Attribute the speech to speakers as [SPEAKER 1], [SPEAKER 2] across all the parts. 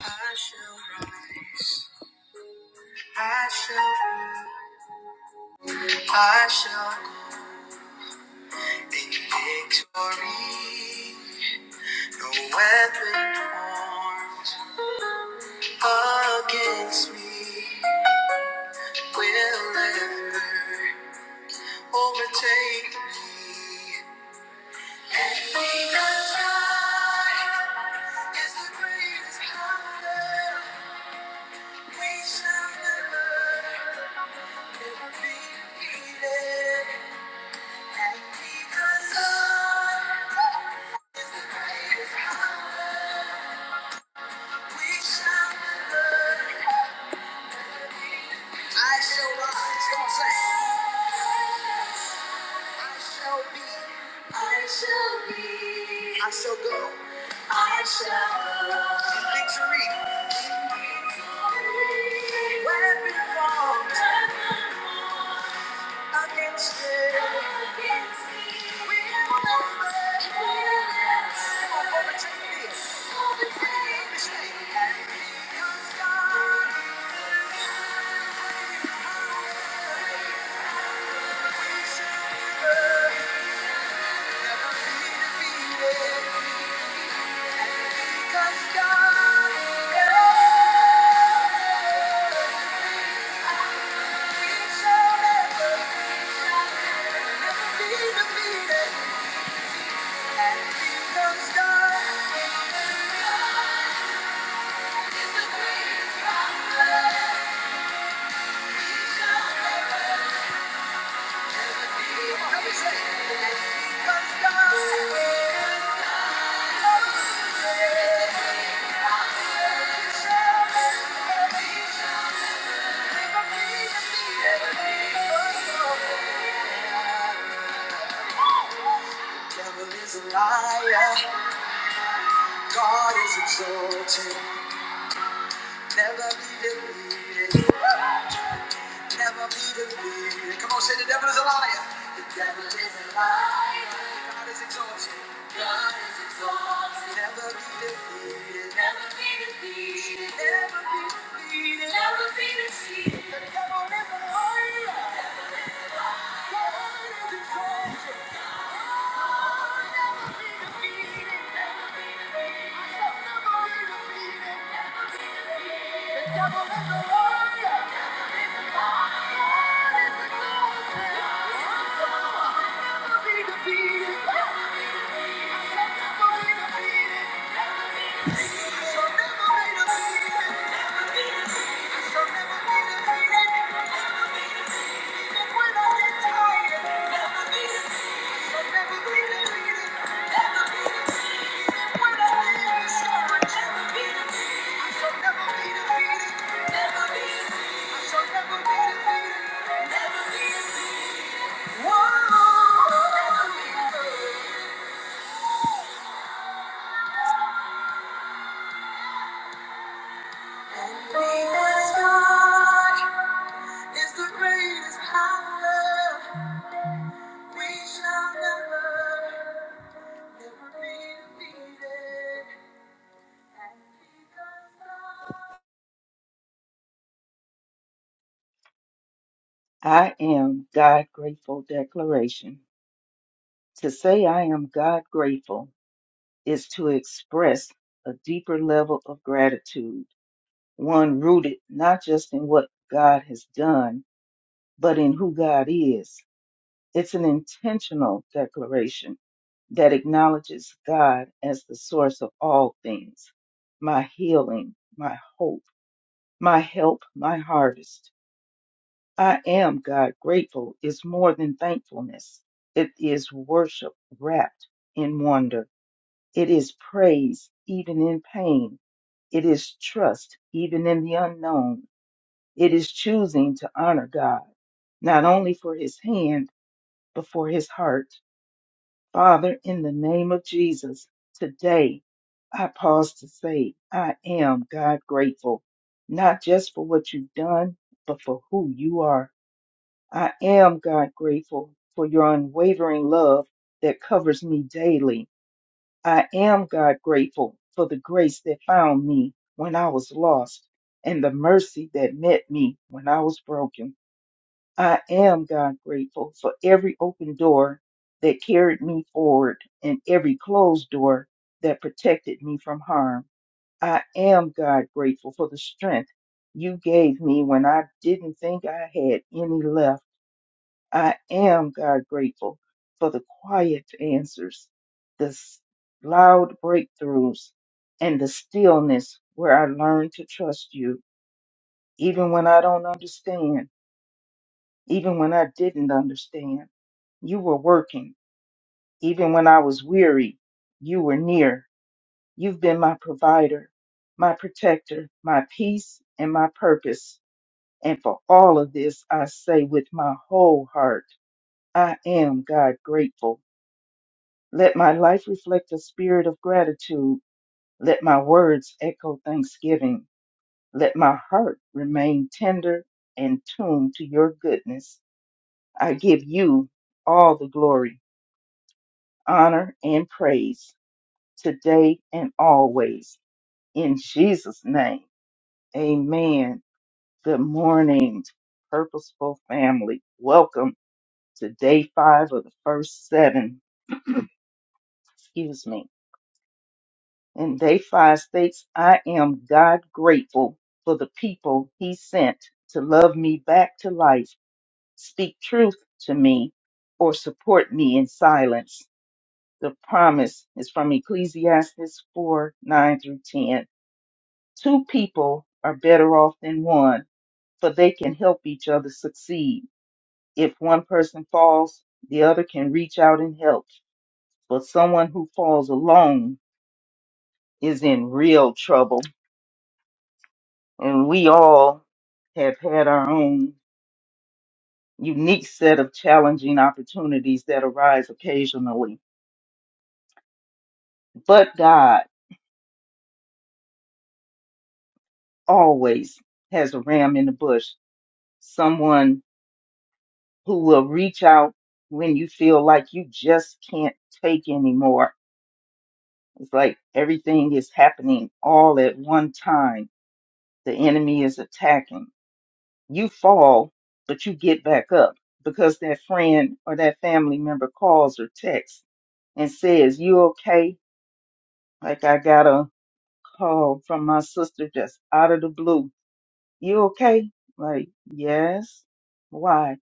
[SPEAKER 1] I shall rise. I shall, run, I shall go in victory. No weapon formed against me will ever overtake me. And because God is the greatest power, we shall never, never be defeated. And because God I shall rise. I shall be. I shall be. I shall go. I shall go. Victory. Weapon formed against me. Against me. We Will not prevail. Will overtake this. Yeah. devil is a liar. God is exalted. Never be defeated. Never be defeated. Come on, say the devil is a liar. The devil is a liar. God is exalted. God is exalted. Never be defeated. Never be defeated. Never be defeated. Never be defeated. The devil is a liar. God is exalted. Defeated. Because God, we shall never. Never be defeated.
[SPEAKER 2] I am God grateful declaration. To say I am God grateful is to express a deeper level of gratitude, one rooted not just in what God has done, but in who God is. It's an intentional declaration that acknowledges God as the source of all things my healing, my hope, my help, my harvest. I am, God, grateful is more than thankfulness. It is worship wrapped in wonder. It is praise even in pain. It is trust even in the unknown. It is choosing to honor God, not only for his hand, but for his heart. Father, in the name of Jesus, today I pause to say, I am, God, grateful, not just for what you've done, but for who you are. I am, God, grateful for your unwavering love that covers me daily. I am, God, grateful for the grace that found me when I was lost and the mercy that met me when I was broken. I am, God, grateful for every open door that carried me forward and every closed door that protected me from harm. I am, God, grateful for the strength you gave me when I didn't think I had any left. I am, God, grateful for the quiet answers, the s- loud breakthroughs, and the stillness where I learned to trust you, even when I don't understand, even when I didn't understand. You were working, even when I was weary. You were near. You've been my provider, my protector, my peace, and my purpose. And for all of this, I say with my whole heart, I am, God, grateful. Let my life reflect a spirit of gratitude. Let my words echo thanksgiving. Let my heart remain tender and tuned to your goodness. I give you all the glory, honor, and praise today and always. In Jesus' name, amen. Good morning, Purposeful Family. Welcome to day five of the first seven. Excuse me. In day five states, I am God grateful for the people he sent to love me back to life, speak truth to me, or support me in silence. The promise is from Ecclesiastes 4 9 through 10. Two people are better off than one, for they can help each other succeed. If one person falls, the other can reach out and help. But someone who falls alone is in real trouble. And we all have had our own unique set of challenging opportunities that arise occasionally. But God always has a ram in the bush, someone who will reach out when you feel like you just can't take anymore. It's like everything is happening all at one time. The enemy is attacking. You fall, but you get back up because that friend or that family member calls or texts and says, You okay? Like I got a call from my sister just out of the blue. You okay? Like, yes. Why?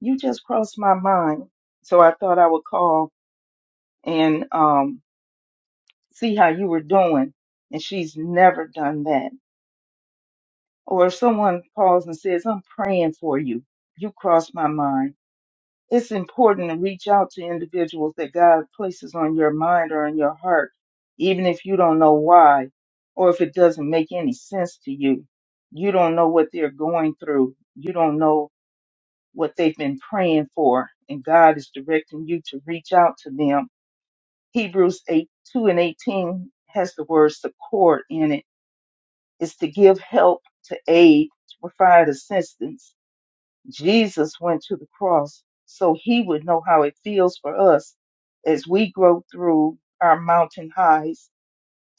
[SPEAKER 2] You just crossed my mind. So I thought I would call and um see how you were doing. And she's never done that. Or if someone calls and says, I'm praying for you. You crossed my mind. it's important to reach out to individuals that God places on your mind or in your heart, even if you don't know why or if it doesn't make any sense to you. You don't know what they're going through. You don't know what they've been praying for. And God is directing you to reach out to them. Hebrews 8 2 and 18 has the word support in it. It's to give help, to aid, to provide assistance Jesus went to the cross so he would know how it feels for us as we grow through our mountain highs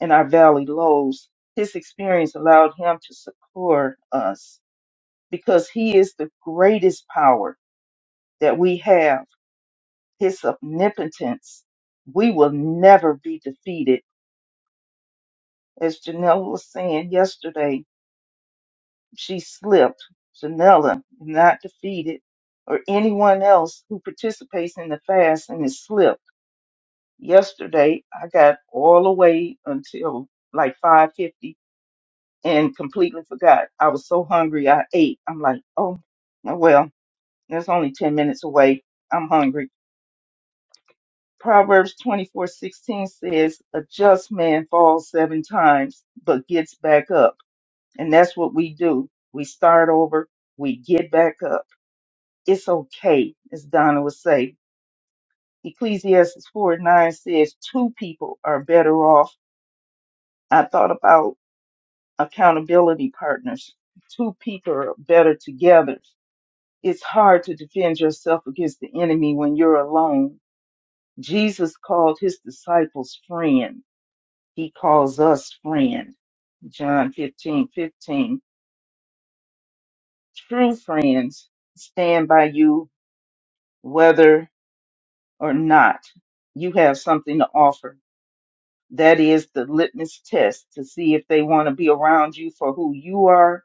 [SPEAKER 2] and our valley lows. His experience allowed him to succor us because he is the greatest power that we have, his omnipotence. We will never be defeated. As Janelle was saying yesterday, she slipped, Janella, not defeated, or anyone else who participates in the fast and is slipped. Yesterday, I got all the way until like 5:50 and completely forgot. I was so hungry, I ate. I'm like, oh, oh well, that's only 10 minutes away. I'm hungry. Proverbs 24:16 says, "A just man falls seven times, but gets back up." And that's what we do. We start over. We get back up it's okay, as Donna would say. Ecclesiastes 4 and 9 says, Two people are better off. I thought about accountability partners. Two people are better together. It's hard to defend yourself against the enemy when you're alone. Jesus called his disciples friend. He calls us friend. John 15:15. True friends stand by you whether or not you have something to offer That is the litmus test to see if they want to be around you for who you are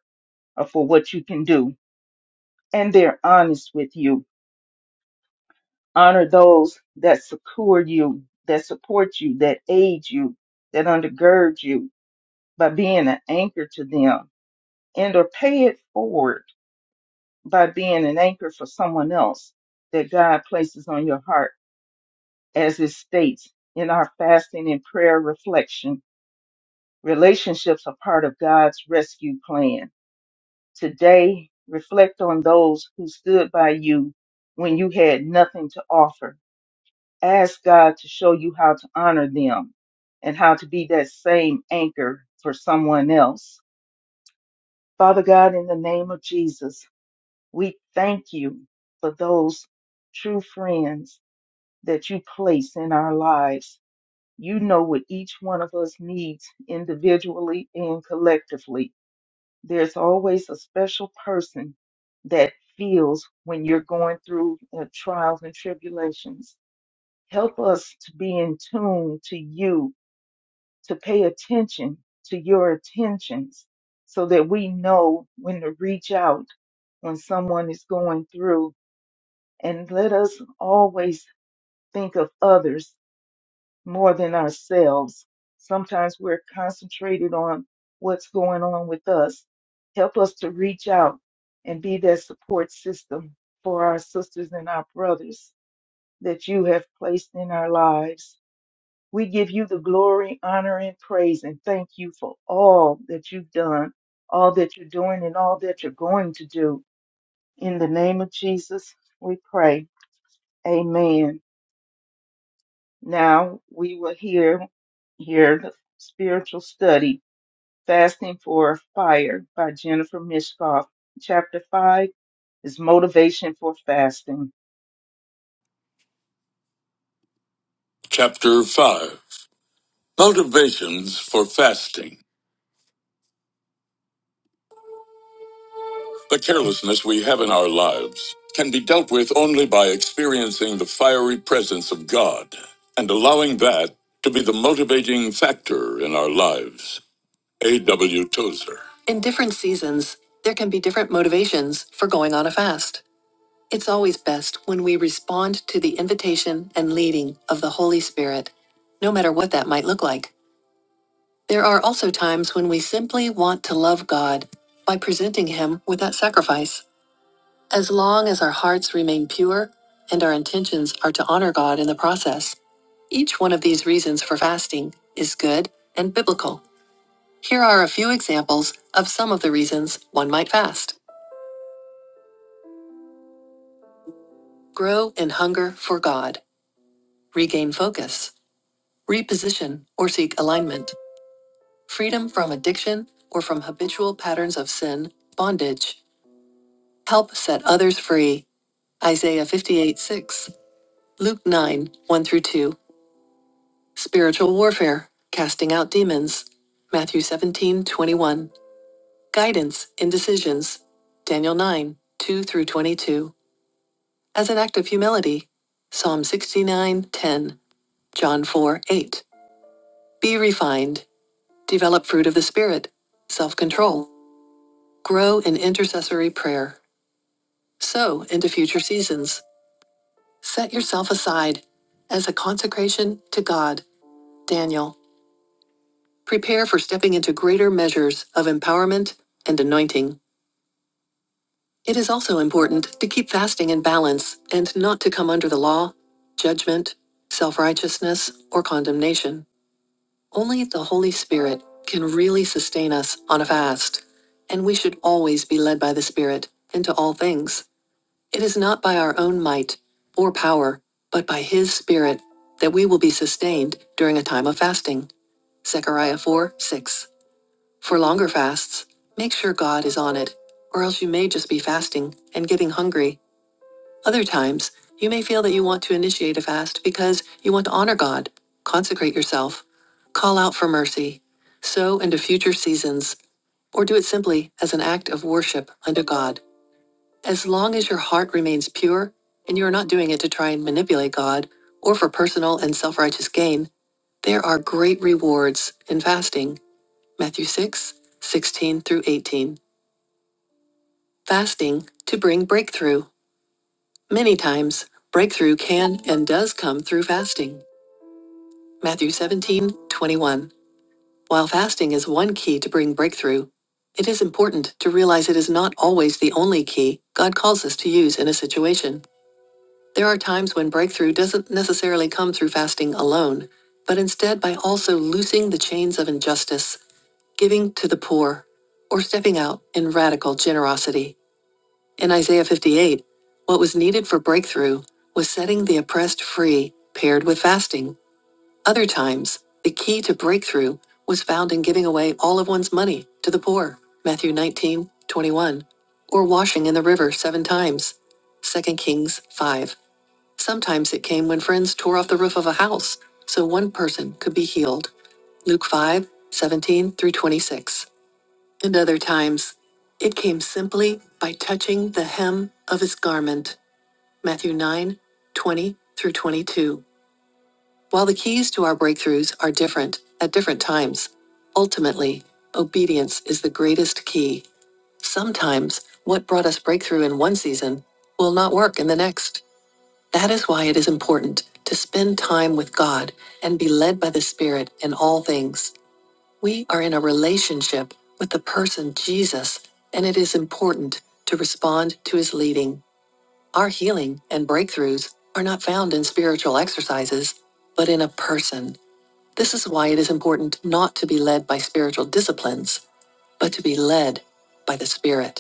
[SPEAKER 2] or for what you can do. And they're honest with you. Honor those that secure you, that support you, that aid you, that undergird you by being an anchor to them and or pay it forward by being an anchor for someone else that God places on your heart as it states in our fasting and prayer reflection. Relationships are part of God's rescue plan Today, reflect on those who stood by you when you had nothing to offer. Ask God to show you how to honor them and how to be that same anchor for someone else. Father God, in the name of Jesus, we thank you for those true friends that you place in our lives. You know what each one of us needs individually and collectively. there's always a special person that feels when you're going through uh, trials and tribulations. Help us to be in tune to you, to pay attention to your attentions so that we know when to reach out when someone is going through. And let us always think of others more than ourselves. Sometimes we're concentrated on what's going on with us. Help us to reach out and be that support system for our sisters and our brothers that you have placed in our lives. We give you the glory, honor, and praise, and thank you for all that you've done, all that you're doing, and all that you're going to do. In the name of Jesus, we pray. Amen. Now we will hear hear the spiritual study Fasting for Fire by Jennifer Mishkoff. Chapter 5 is motivation for fasting.
[SPEAKER 3] Chapter 5 Motivations for Fasting. The carelessness we have in our lives can be dealt with only by experiencing the fiery presence of God and allowing that to be the motivating factor in our lives. A.W. Tozer. In different seasons, there can be different motivations for going on a fast. It's always best when we respond to the invitation and leading of the Holy Spirit, no matter what that might look like. There are also times when we simply want to love God by presenting Him without sacrifice, as long as our hearts remain pure and our intentions are to honor God in the process. Each one of these reasons for fasting is good and biblical. Here are a few examples of some of the reasons one might fast grow in hunger for God, regain focus, reposition or seek alignment, freedom from addiction or from habitual patterns of sin, bondage Help set others free. Isaiah 58 6. Luke 9 1 through 2. Spiritual warfare. Casting out demons. Matthew seventeen twenty one. Guidance in decisions. Daniel 9 2 through 22. As an act of humility. Psalm sixty nine ten. John 4 8. Be refined. Develop fruit of the Spirit. Self control. Grow in intercessory prayer. Sow into future seasons. Set yourself aside as a consecration to God. Daniel. Prepare for stepping into greater measures of empowerment and anointing. It is also important to keep fasting in balance and not to come under the law, judgment, self righteousness, or condemnation. Only the Holy Spirit can really sustain us on a fast, and we should always be led by the Spirit into all things. It is not by our own might or power, but by His Spirit, that we will be sustained during a time of fasting. Zechariah 4 6. For longer fasts, make sure God is on it, or else you may just be fasting and getting hungry. Other times, you may feel that you want to initiate a fast because you want to honor God, consecrate yourself, call out for mercy, sow into future seasons, or do it simply as an act of worship unto God. As long as your heart remains pure and you are not doing it to try and manipulate God or for personal and self righteous gain, there are great rewards in fasting. Matthew 6 16 through 18. Fasting to bring breakthrough. Many times, breakthrough can and does come through fasting. Matthew 17 21. While fasting is one key to bring breakthrough, it is important to realize it is not always the only key God calls us to use in a situation. There are times when breakthrough doesn't necessarily come through fasting alone, but instead by also loosing the chains of injustice, giving to the poor, or stepping out in radical generosity. In Isaiah 58, what was needed for breakthrough was setting the oppressed free, paired with fasting. Other times, the key to breakthrough was found in giving away all of one's money to the poor, Matthew 19 21, or washing in the river seven times, Second Kings 5. Sometimes it came when friends tore off the roof of a house so one person could be healed. Luke 5 17 through 26. And other times it came simply by touching the hem of his garment. Matthew 9 20 through 22. While the keys to our breakthroughs are different at different times, ultimately, obedience is the greatest key. Sometimes what brought us breakthrough in one season will not work in the next. That is why it is important to spend time with God and be led by the Spirit in all things. We are in a relationship with the person Jesus, and it is important to respond to his leading. Our healing and breakthroughs are not found in spiritual exercises, but in a person. This is why it is important not to be led by spiritual disciplines, but to be led by the Spirit.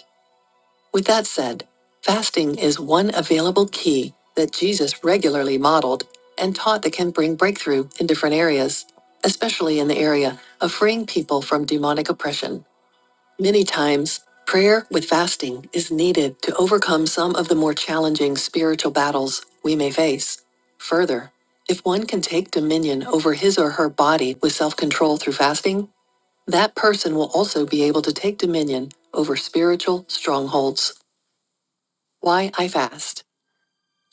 [SPEAKER 3] With that said, fasting is one available key that Jesus regularly modeled and taught that can bring breakthrough in different areas, especially in the area of freeing people from demonic oppression. Many times, prayer with fasting is needed to overcome some of the more challenging spiritual battles we may face. Further, if one can take dominion over his or her body with self control through fasting, that person will also be able to take dominion over spiritual strongholds. Why I fast.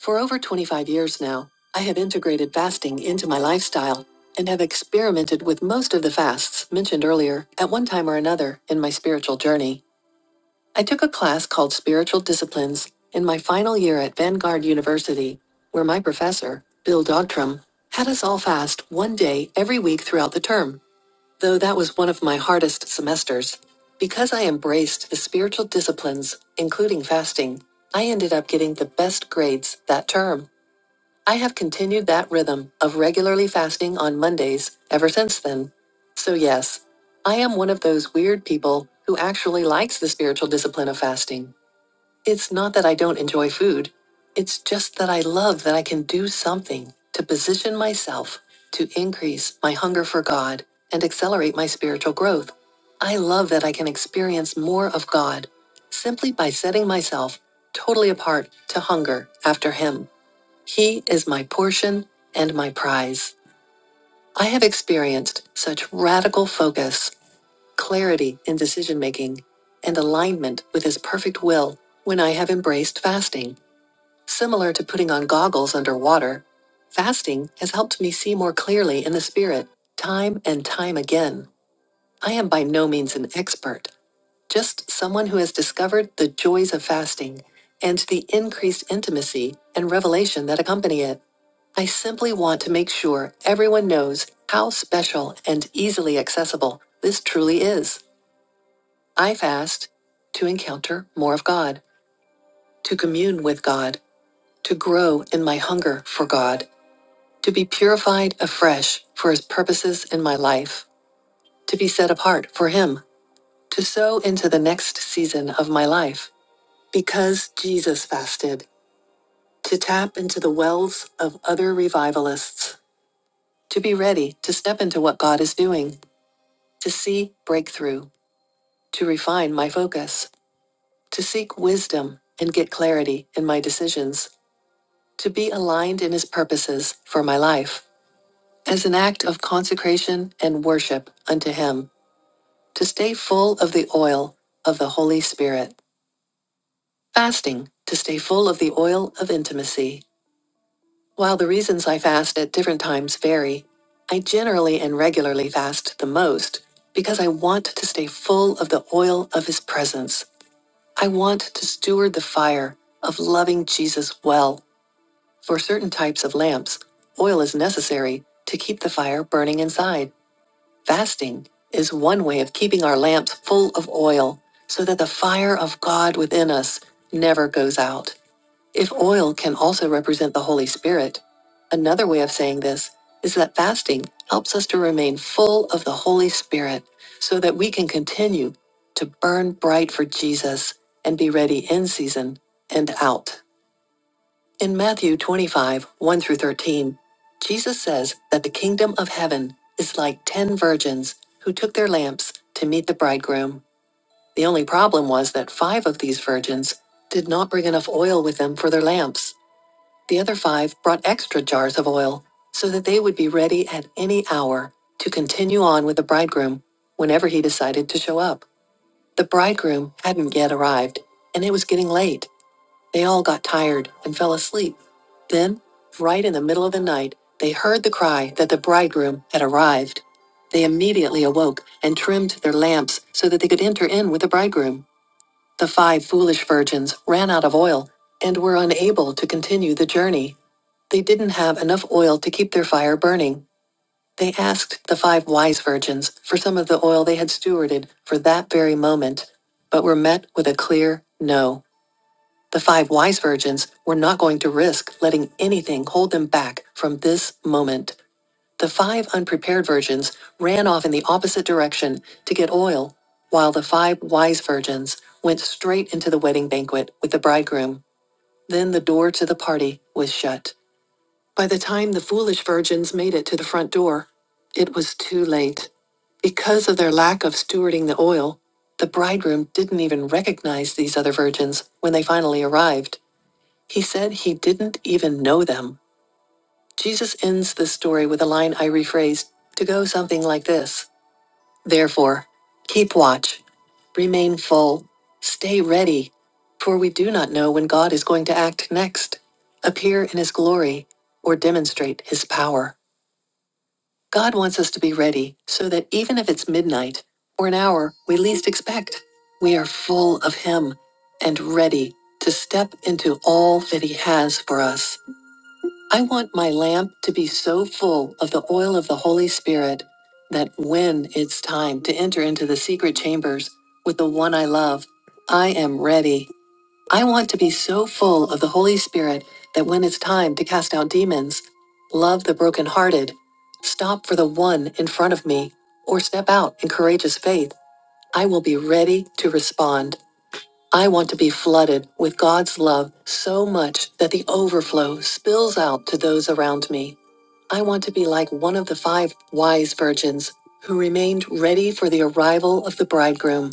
[SPEAKER 3] For over 25 years now, I have integrated fasting into my lifestyle and have experimented with most of the fasts mentioned earlier at one time or another in my spiritual journey. I took a class called Spiritual Disciplines in my final year at Vanguard University, where my professor, Bill Dogtrum, had us all fast one day every week throughout the term though that was one of my hardest semesters. Because I embraced the spiritual disciplines, including fasting, I ended up getting the best grades that term. I have continued that rhythm of regularly fasting on Mondays ever since then. So, yes, I am one of those weird people who actually likes the spiritual discipline of fasting. It's not that I don't enjoy food. It's just that I love that I can do something to position myself to increase my hunger for God and accelerate my spiritual growth. I love that I can experience more of God simply by setting myself totally apart to hunger after Him. He is my portion and my prize. I have experienced such radical focus clarity in decision making, and alignment with His perfect will when I have embraced fasting. Similar to putting on goggles underwater, fasting has helped me see more clearly in the spirit, time and time again. I am by no means an expert, just someone who has discovered the joys of fasting and the increased intimacy and revelation that accompany it. I simply want to make sure everyone knows how special and easily accessible this truly is. I fast to encounter more of God, to commune with God, to grow in my hunger for God, to be purified afresh for His purposes in my life, to be set apart for Him, to sow into the next season of my life. Because Jesus fasted, to tap into the wells of other revivalists, to be ready to step into what God is doing, to see breakthrough, to refine my focus, to seek wisdom and get clarity in my decisions to be aligned in his purposes for my life, as an act of consecration and worship unto him, to stay full of the oil of the Holy Spirit, fasting, to stay full of the oil of intimacy. While the reasons I fast at different times vary, I generally and regularly fast the most because I want to stay full of the oil of his presence. I want to steward the fire of loving Jesus well For certain types of lamps, oil is necessary to keep the fire burning inside. Fasting is one way of keeping our lamps full of oil so that the fire of God within us never goes out. If oil can also represent the Holy Spirit, another way of saying this is that fasting helps us to remain full of the Holy Spirit so that we can continue to burn bright for Jesus and be ready in season and out. In Matthew 25, 1 through 13, Jesus says that the kingdom of heaven is like ten virgins who took their lamps to meet the bridegroom. The only problem was that five of these virgins did not bring enough oil with them for their lamps. The other five brought extra jars of oil so that they would be ready at any hour to continue on with the bridegroom whenever he decided to show up. The bridegroom hadn't yet arrived, and it was getting late. They all got tired and fell asleep. Then, right in the middle of the night, they heard the cry that the bridegroom had arrived. They immediately awoke and trimmed their lamps so that they could enter in with the bridegroom. The five foolish virgins ran out of oil and were unable to continue the journey. They didn't have enough oil to keep their fire burning. They asked the five wise virgins for some of the oil they had stewarded for that very moment, but were met with a clear no. The five wise virgins were not going to risk letting anything hold them back from this moment. The five unprepared virgins ran off in the opposite direction to get oil, while the five wise virgins went straight into the wedding banquet with the bridegroom. Then the door to the party was shut. By the time the foolish virgins made it to the front door, it was too late. Because of their lack of stewarding the oil, the bridegroom didn't even recognize these other virgins when they finally arrived. He said he didn't even know them. Jesus ends this story with a line I rephrased to go something like this Therefore, keep watch, remain full, stay ready, for we do not know when God is going to act next, appear in his glory, or demonstrate his power. God wants us to be ready so that even if it's midnight or an hour we least expect, we are full of him and ready to step into all that he has for us. I want my lamp to be so full of the oil of the Holy Spirit that when it's time to enter into the secret chambers with the one I love, I am ready. I want to be so full of the Holy Spirit that when it's time to cast out demons, love the brokenhearted, stop for the one in front of me, or step out in courageous faith, I will be ready to respond. I want to be flooded with God's love so much that the overflow spills out to those around me. I want to be like one of the five wise virgins who remained ready for the arrival of the bridegroom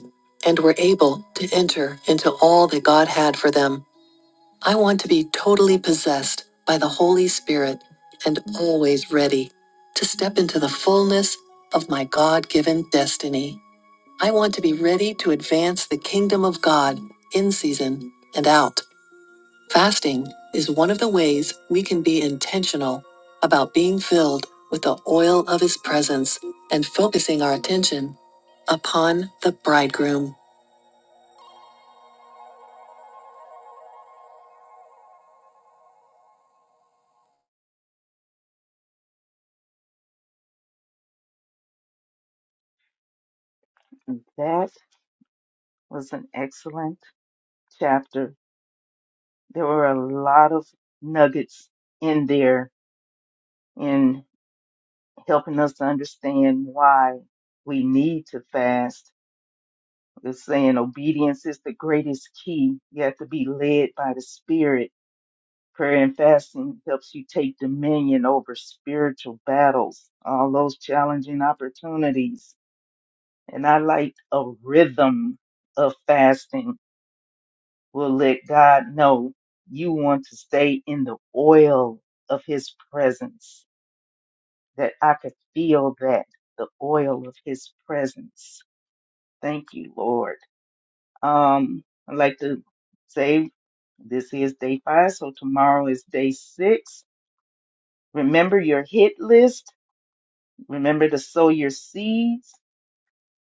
[SPEAKER 3] and were able to enter into all that God had for them. I want to be totally possessed by the Holy Spirit and always ready to step into the fullness of my God given destiny. I want to be ready to advance the kingdom of God in season and out. Fasting is one of the ways we can be intentional about being filled with the oil of his presence and focusing our attention upon the bridegroom.
[SPEAKER 2] That was an excellent chapter. There were a lot of nuggets in there in helping us to understand why we need to fast. It's saying obedience is the greatest key. You have to be led by the Spirit Prayer and fasting helps you take dominion over spiritual battles, all those challenging opportunities. And I like a rhythm of fasting will let God know you want to stay in the oil of his presence, that I could feel that, the oil of his presence. Thank you, Lord. Um, I'd like to say this is day five, so tomorrow is day six. Remember your hit list Remember to sow your seeds,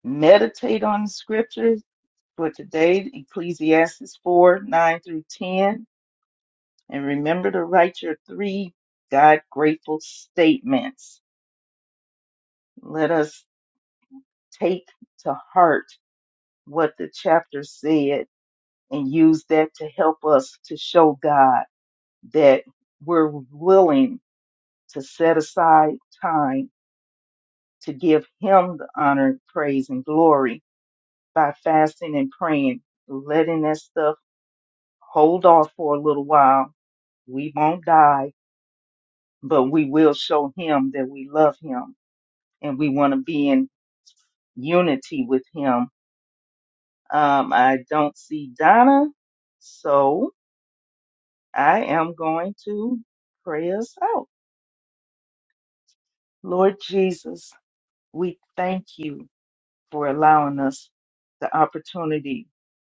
[SPEAKER 2] meditate on the scriptures for today, Ecclesiastes 4 9 through 10. And remember to write your three God grateful statements. Let us take to heart what the chapter said and use that to help us to show God that we're willing to set aside time to give Him the honor, praise, and glory by fasting and praying, letting that stuff hold off for a little while. We won't die, but we will show him that we love him and we want to be in unity with him. Um, I don't see Donna, so I am going to pray us out. Lord Jesus, we thank you for allowing us the opportunity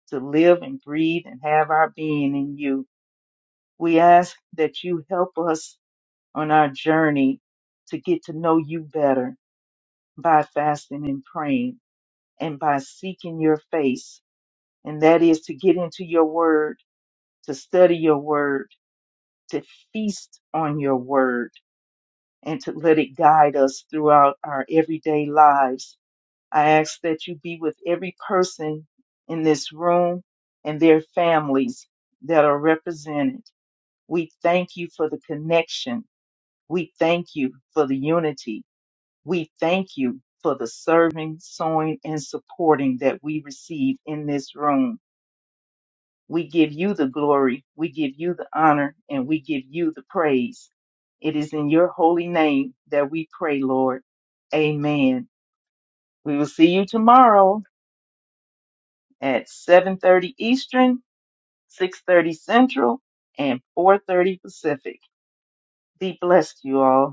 [SPEAKER 2] to live and breathe and have our being in you. We ask that you help us on our journey to get to know you better by fasting and praying and by seeking your face. And that is to get into your word, to study your word, to feast on your word, and to let it guide us throughout our everyday lives. I ask that you be with every person in this room and their families that are represented. We thank you for the connection. We thank you for the unity. We thank you for the serving, sowing, and supporting that we receive in this room. We give you the glory, we give you the honor, and we give you the praise. It is in your holy name that we pray, Lord. Amen. We will see you tomorrow at 7:30 Eastern, 6:30 Central, and 4:30 Pacific. Be blessed, you all.